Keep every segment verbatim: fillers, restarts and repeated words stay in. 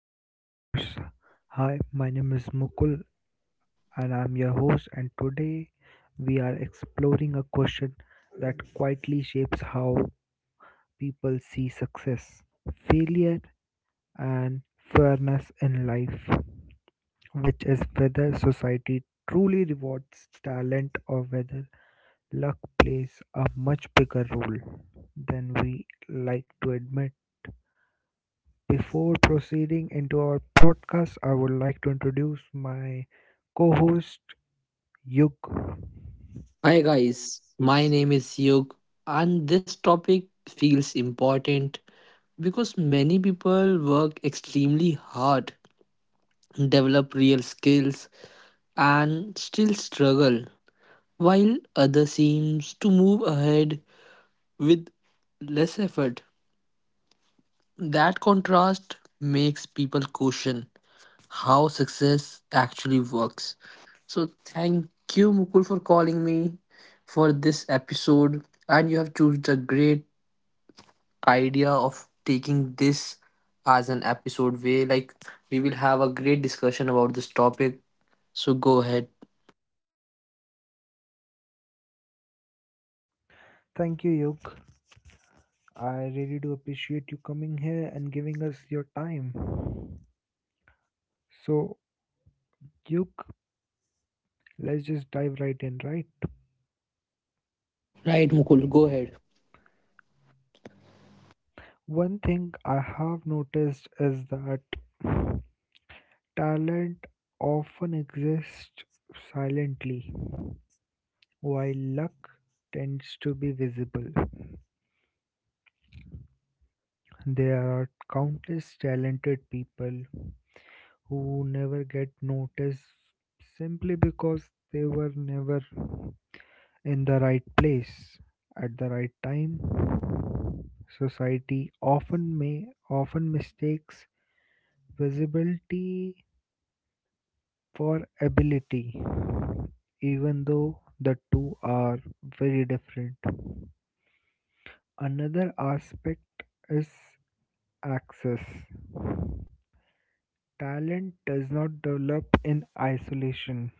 to Office Hours. Hi, my name is Mukul and I'm your host and today we are exploring a question that quietly shapes how people see success, failure and fairness in life, which is whether society truly rewards talent or whether luck plays a much bigger role than we like to admit. Before proceeding into our podcast, I would like to introduce my co host, Yug. Hi guys, my name is Yug, and this topic feels important because many people work extremely hard, develop real skills, and still struggle, while others seems to move ahead with less effort. That contrast makes people question how success actually works. So thank you, Mukul, for calling me for this episode, and you have chosen a great idea of taking this as an episode way like we will have a great discussion about this topic so go ahead. Thank you, Yug. I really do appreciate you coming here and giving us your time. So, Yug, let's just dive right in, right? Right, Mukul, go ahead. One thing I have noticed is that talent often exists silently, while luck tends to be visible. There are countless talented people who never get noticed simply because they were never in the right place at the right time. Society often may often mistakes visibility for ability, even though the two are very different. Another aspect is access. Talent does not develop in isolation.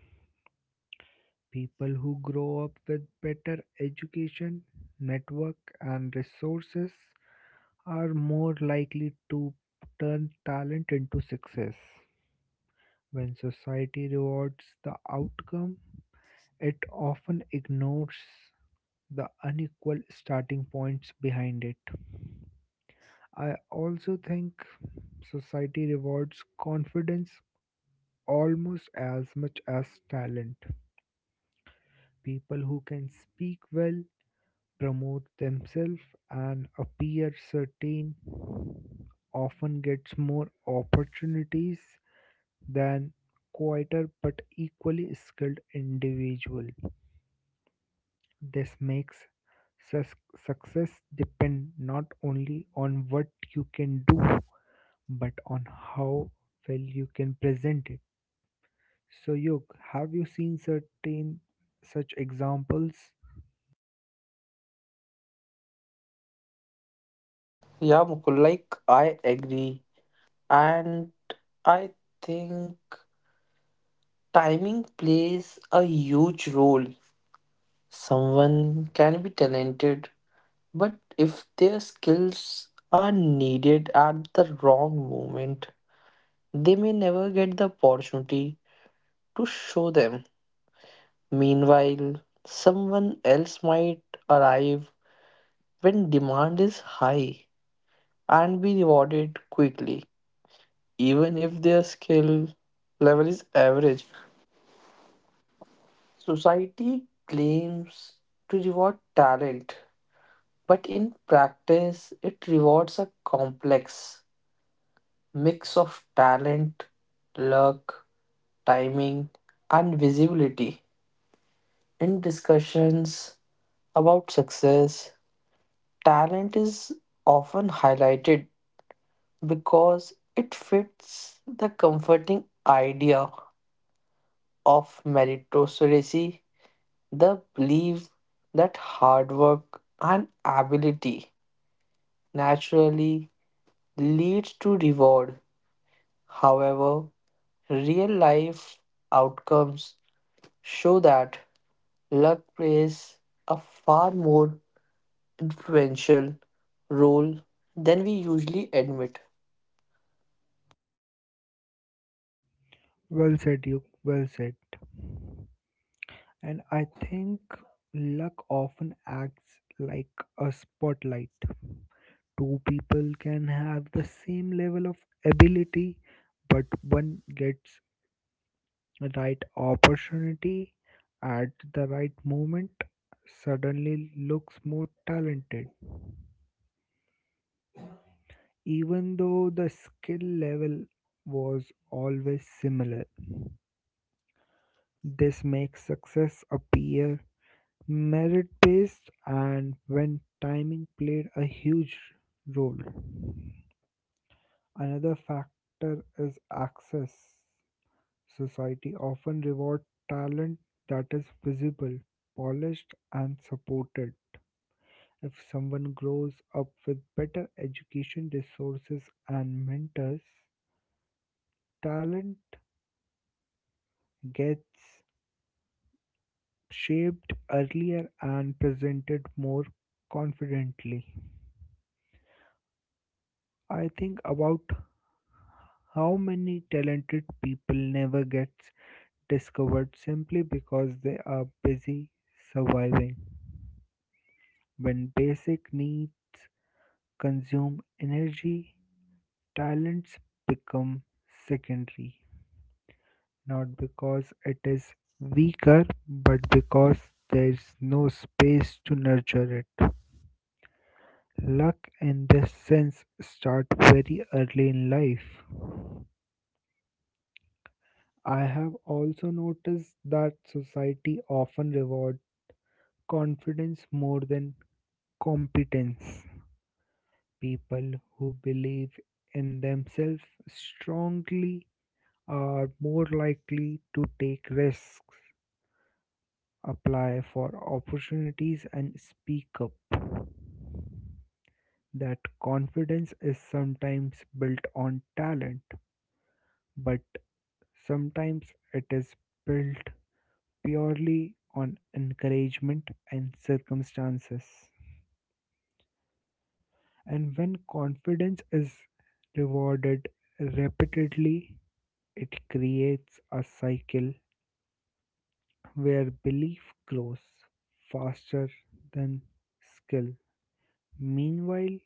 People who grow up with better education, network, and resources are more likely to turn talent into success. When society rewards the outcome, it often ignores the unequal starting points behind it. I also think society rewards confidence almost as much as talent. People who can speak well, promote themselves and appear certain often gets more opportunities than quieter but equally skilled individual. This makes sus- success depend not only on what you can do but on how well you can present it. So, Yog, have you seen certain such examples? Yeah, Mukul, like I agree. And I think timing plays a huge role. Someone can be talented, but if their skills are needed at the wrong moment, they may never get the opportunity to show them. Meanwhile, someone else might arrive when demand is high and be rewarded quickly, even if their skill level is average. Society claims to reward talent, but in practice, it rewards a complex mix of talent, luck, timing, and visibility. In discussions about success, talent is often highlighted because it fits the comforting idea of meritocracy, the belief that hard work and ability naturally leads to reward. However, real life outcomes show that luck plays a far more influential role than we usually admit. Well said, Yog. Well said. And I think luck often acts like a spotlight. Two people can have the same level of ability, but one gets the right opportunity at the right moment, suddenly looks more talented, even though the skill level was always similar. This makes success appear merit based and when timing played a huge role. Another factor is access. Society often rewards talent that is visible, polished, and supported. If someone grows up with better education, resources, and mentors, talent gets shaped earlier and presented more confidently. I think about how many talented people never gets discovered simply because they are busy surviving. When basic needs consume energy, talents become secondary, not because it is weaker, but because there is no space to nurture it. Luck in this sense start very early in life. I have also noticed that society often rewards confidence more than competence. People who believe in themselves strongly are more likely to take risks, apply for opportunities, and speak up. That confidence is sometimes built on talent, but sometimes it is built purely on encouragement and circumstances. And when confidence is rewarded repeatedly, it creates a cycle where belief grows faster than skill. Meanwhile,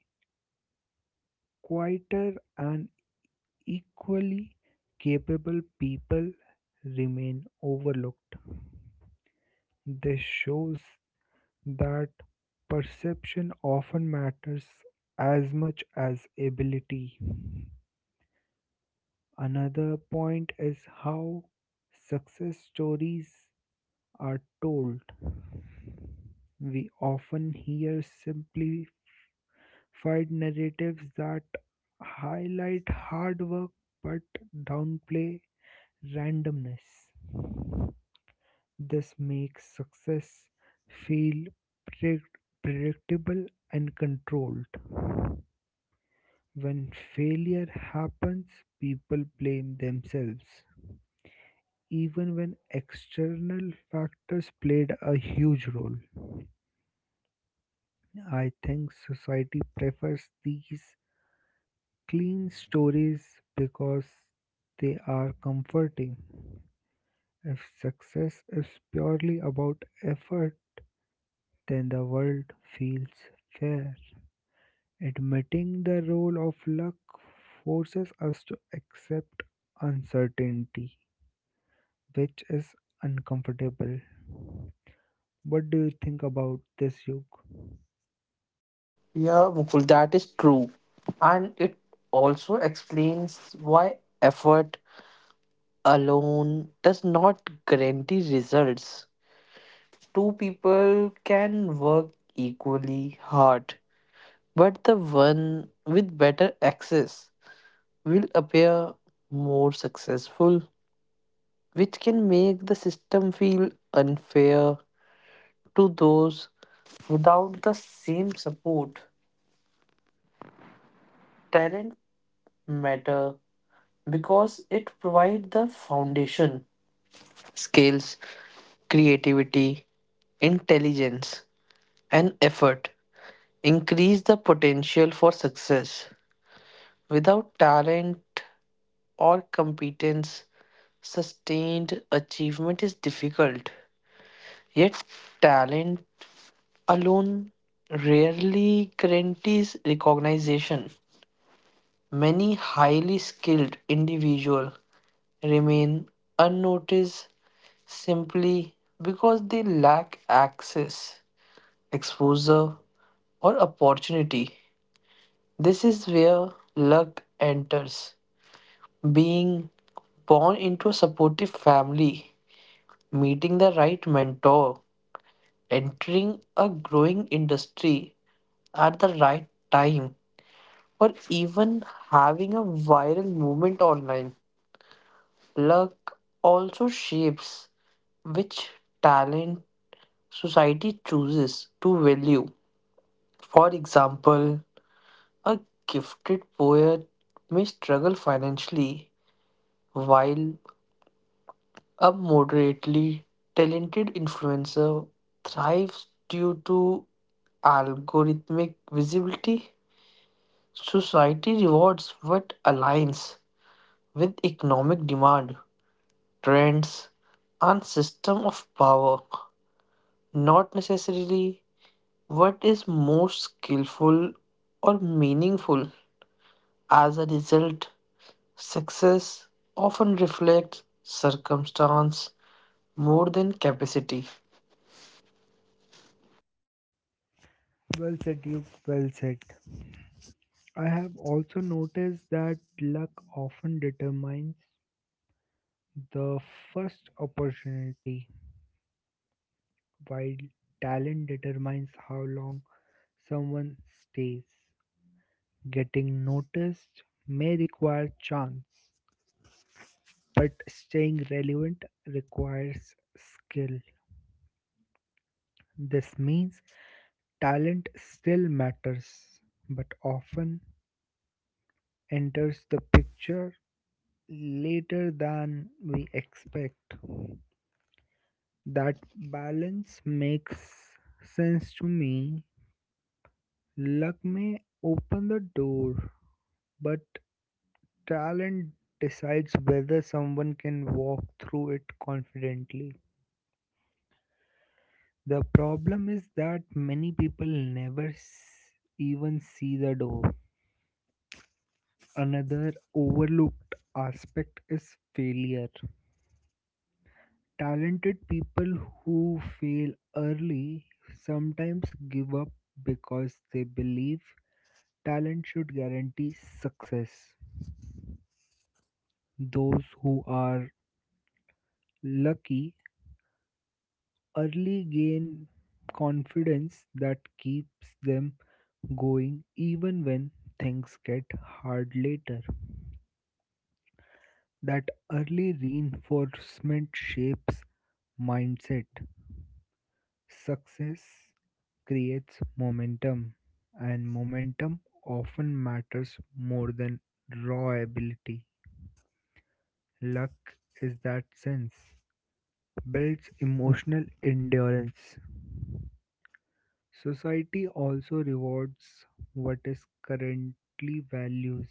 quieter and equally capable people remain overlooked. This shows that perception often matters as much as ability. Another point is how success stories are told. We often hear simplified narratives that highlight hard work but downplay randomness. This makes success feel predict- predictable and controlled. When failure happens, people blame themselves even when external factors played a huge role. I think society prefers these clean stories because they are comforting. If success is purely about effort, then the world feels fair. Admitting the role of luck forces us to accept uncertainty, which is uncomfortable. What do you think about this, Yug? Yeah, Mukul, that is true. And it also explains why effort alone does not guarantee results. Two people can work equally hard, but the one with better access will appear more successful, which can make the system feel unfair to those without the same support. Talent matter because it provides the foundation, skills, creativity, intelligence, and effort increase the potential for success. Without talent or competence, sustained achievement is difficult. Yet, talent alone rarely guarantees recognition. Many highly skilled individuals remain unnoticed simply because they lack access, exposure, or opportunity. This is where luck enters. Being born into a supportive family, meeting the right mentor, entering a growing industry at the right time, or even having a viral moment online. Luck also shapes which talent society chooses to value. For example, a gifted poet may struggle financially, while a moderately talented influencer thrives due to algorithmic visibility. Society rewards what aligns with economic demand, trends, and system of power. Not necessarily what is most skillful or meaningful. As a result, success often reflects circumstance more than capacity. Well said, Duke. Well said. I have also noticed that luck often determines the first opportunity, while talent determines how long someone stays. Getting noticed may require chance, but staying relevant requires skill. This means talent still matters, but often enters the picture later than we expect. That balance makes sense to me. Luck may open the door, but talent decides whether someone can walk through it confidently. The problem is that many people never s- even see the door. Another overlooked aspect is failure. Talented people who fail early sometimes give up because they believe talent should guarantee success. Those who are lucky early gain confidence that keeps them going even when things get hard later. That early reinforcement shapes mindset. Success creates momentum, and momentum often matters more than raw ability. Luck is that sense, builds emotional endurance. Society also rewards what is currently values,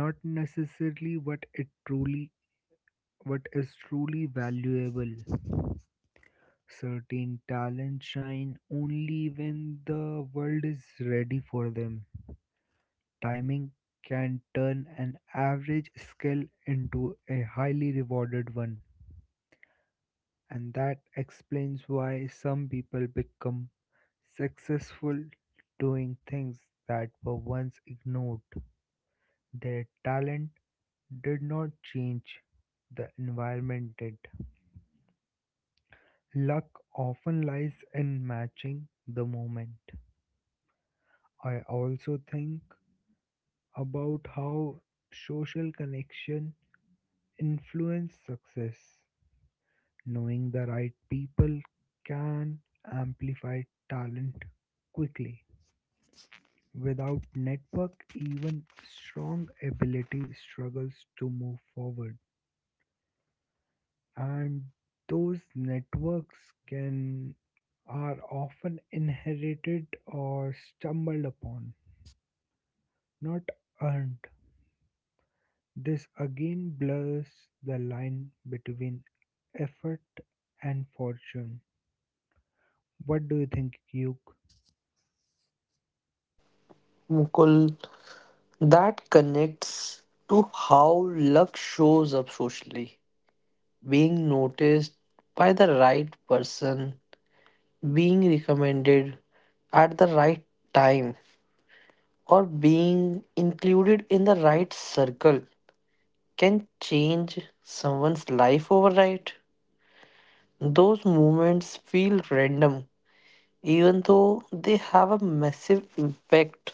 not necessarily what it truly what is truly valuable. Certain talents shine only when the world is ready for them. Timing can turn an average skill into a highly rewarded one, and that explains why some people become successful doing things that were once ignored. Their talent did not change, the environment did. Luck often lies in matching the moment. I also think about how social connection influence success. Knowing the right people can amplify talent quickly. Without network, even strong ability struggles to move forward. And those networks can are often inherited or stumbled upon, not earned. This again blurs the line between effort and fortune. What do you think, Yuk? Mukul, that connects to how luck shows up socially. Being noticed by the right person, being recommended at the right time, or being included in the right circle can change someone's life overnight. Those moments feel random, even though they have a massive impact.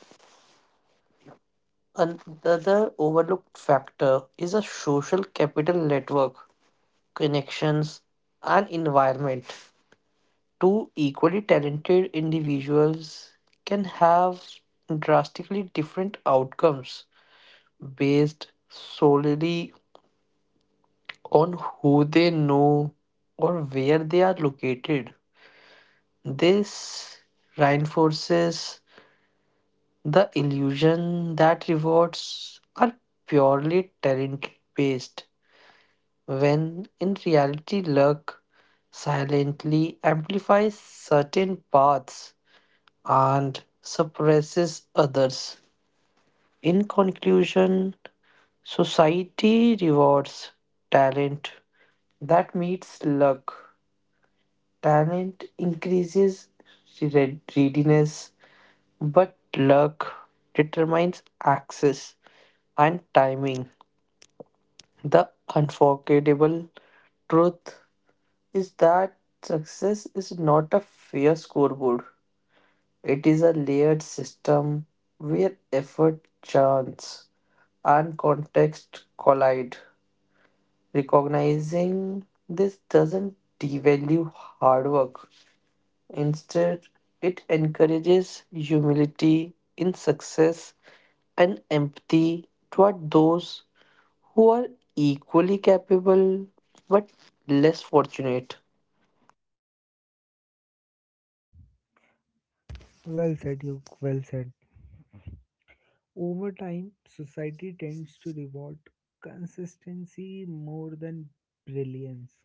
Another overlooked factor is a social capital network, connections, and environment. Two equally talented individuals can have drastically different outcomes based solely on who they know or where they are located. This reinforces the illusion that rewards are purely talent based, when in reality, luck silently amplifies certain paths and suppresses others. In conclusion, society rewards talent that meets luck. Talent increases read- readiness. But luck determines access and timing. The unforgettable truth is that success is not a fair scoreboard. It is a layered system where effort, chance, and context collide. Recognizing this doesn't devalue hard work. Instead, it encourages humility in success and empathy toward those who are equally capable but less fortunate. Well said, Yuk. Well said. Over time, society tends to reward consistency more than brilliance.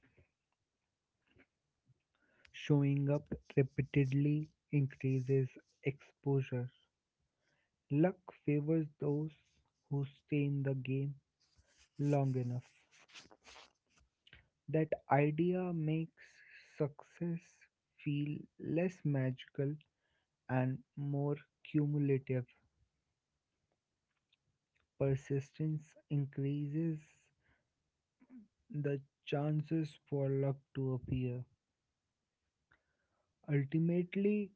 Showing up repeatedly increases exposure. Luck favors those who stay in the game long enough. That idea makes success feel less magical and more cumulative. Persistence increases the chances for luck to appear. Ultimately,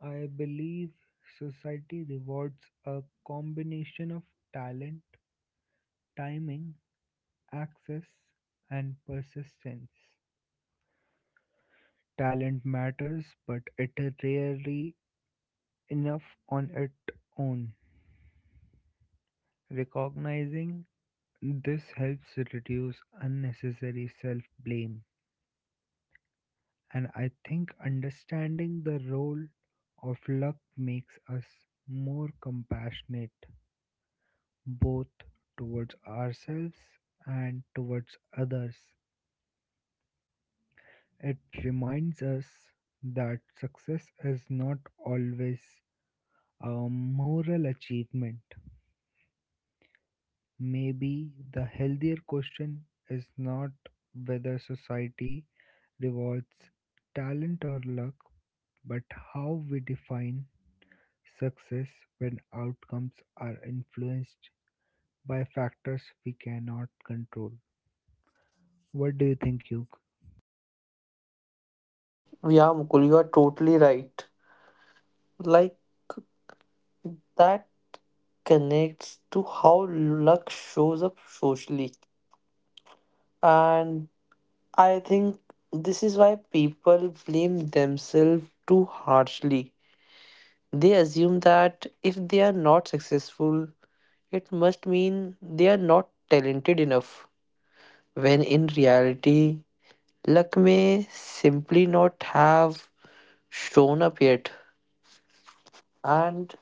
I believe society rewards a combination of talent, timing, access, and persistence. Talent matters, but it is rarely enough on its own. Recognizing this helps reduce unnecessary self blame, and I think understanding the role of luck makes us more compassionate both towards ourselves and towards others. It reminds us that success is not always a moral achievement. Maybe the healthier question is not whether society rewards talent or luck, but how we define success when outcomes are influenced by factors we cannot control. What do you think, Yug? Yeah, Mukul, you are totally right. Like that connects to how luck shows up socially. And I think this is why people blame themselves too harshly. They assume that if they are not successful, it must mean they are not talented enough. When in reality, luck may simply not have shown up yet. And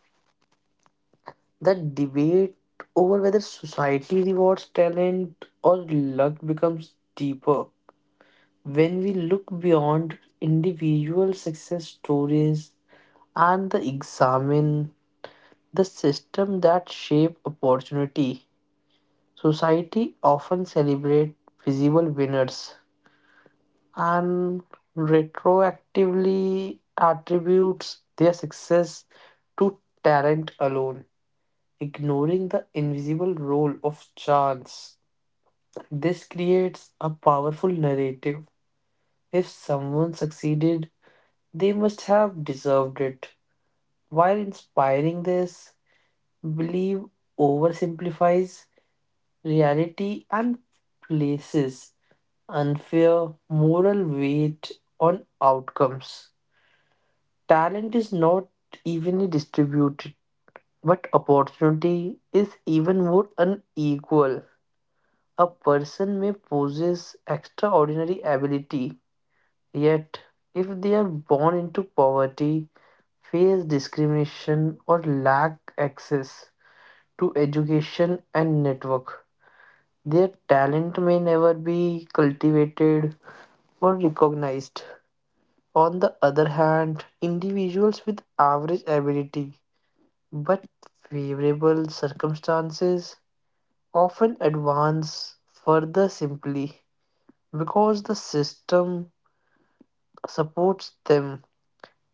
the debate over whether society rewards talent or luck becomes deeper when we look beyond individual success stories and examine the system that shape opportunity. Society often celebrate visible winners and retroactively attributes their success to talent alone, ignoring the invisible role of chance. This creates a powerful narrative. If someone succeeded, they must have deserved it. While inspiring this, belief oversimplifies reality and places unfair moral weight on outcomes. Talent is not evenly distributed, but opportunity is even more unequal. A person may possess extraordinary ability, yet, if they are born into poverty, face discrimination, or lack access to education and network, their talent may never be cultivated or recognized. On the other hand, individuals with average ability but favorable circumstances often advance further simply because the system supports them.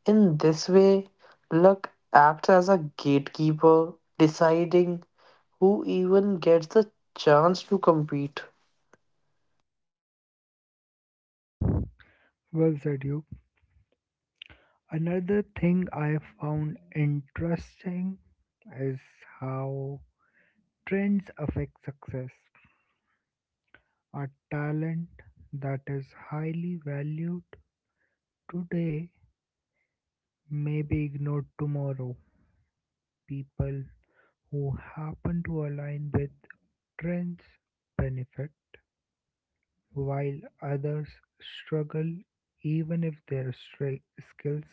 In this way, luck acts as a gatekeeper, deciding who even gets the chance to compete. Well said, you. Another thing I found interesting is how trends affect success. A talent that is highly valued today may be ignored tomorrow. People who happen to align with trends benefit, while others struggle even if their stra- skills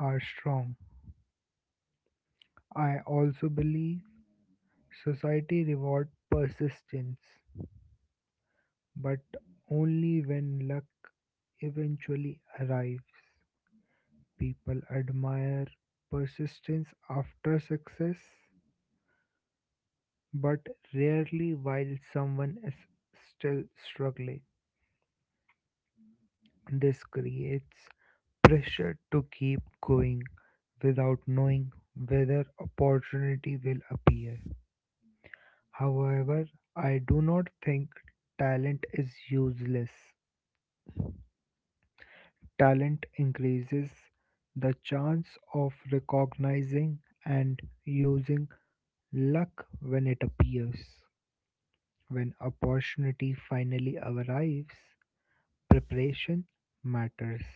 are strong. I also believe Society reward persistence, but only when luck eventually arrives. People admire persistence after success, but rarely while someone is still struggling. This creates pressure to keep going without knowing whether opportunity will appear. However, I do not think talent is useless. Talent increases the chance of recognizing and using luck when it appears. When opportunity finally arrives, preparation matters.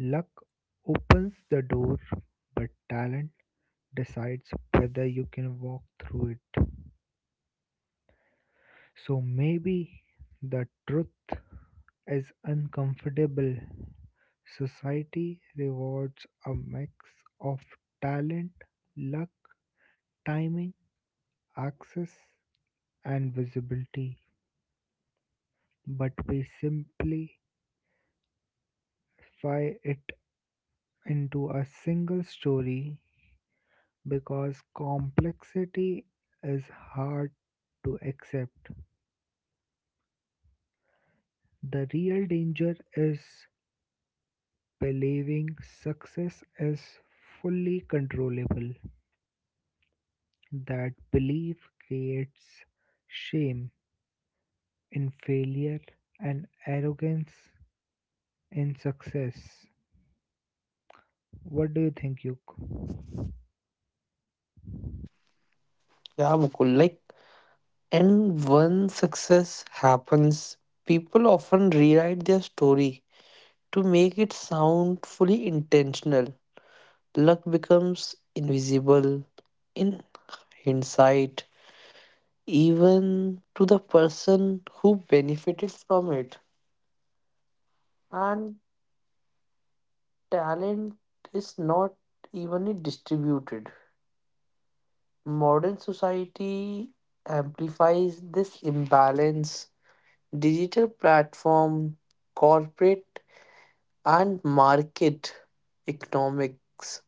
Luck opens the door, but talent decides whether you can walk through it. So maybe the truth is uncomfortable. Society rewards a mix of talent, luck, timing, access, and visibility, but we simplify it into a single story because complexity is hard to accept. The real danger is believing success is fully controllable. That belief creates shame in failure and arrogance in success. What do you think, Yuk? Yeah, Mukul, like, and when success happens, people often rewrite their story to make it sound fully intentional. Luck becomes invisible in hindsight, even to the person who benefited from it. And talent is not evenly distributed. Modern society amplifies this imbalance. Digital platform, corporate, and market economics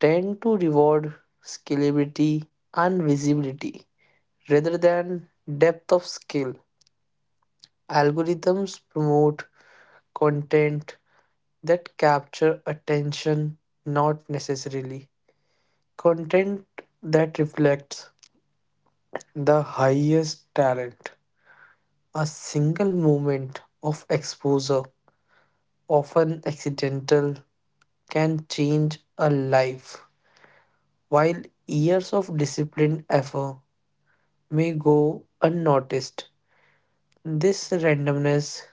tend to reward scalability and visibility rather than depth of skill. Algorithms promote content that capture attention, not necessarily content that reflects the highest talent. A single moment of exposure, often accidental, can change a life, while years of disciplined effort may go unnoticed. This randomness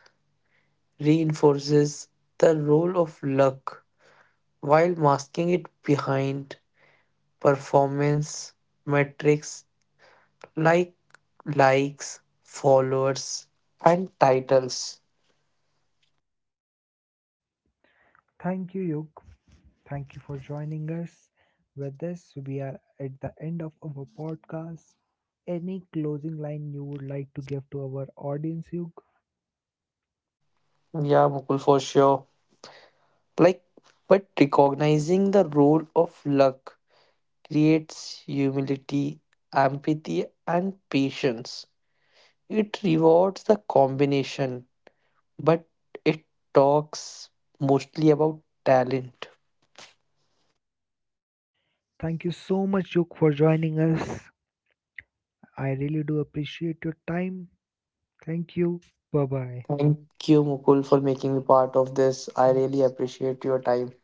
reinforces the role of luck while masking it behind performance metrics like likes, followers, and titles. Thank you, Yuk. Thank you for joining us. With this, we are at the end of our podcast. Any closing line you would like to give to our audience, Yuk? Yeah, Mukul, for sure. Like, but recognizing the role of luck creates humility, empathy, and patience. It rewards the combination but it talks mostly about talent. Thank you so much, Yuk, for joining us. I really do appreciate your time. Thank you. Bye bye. Thank you, Mukul, for making me part of this. I really appreciate your time.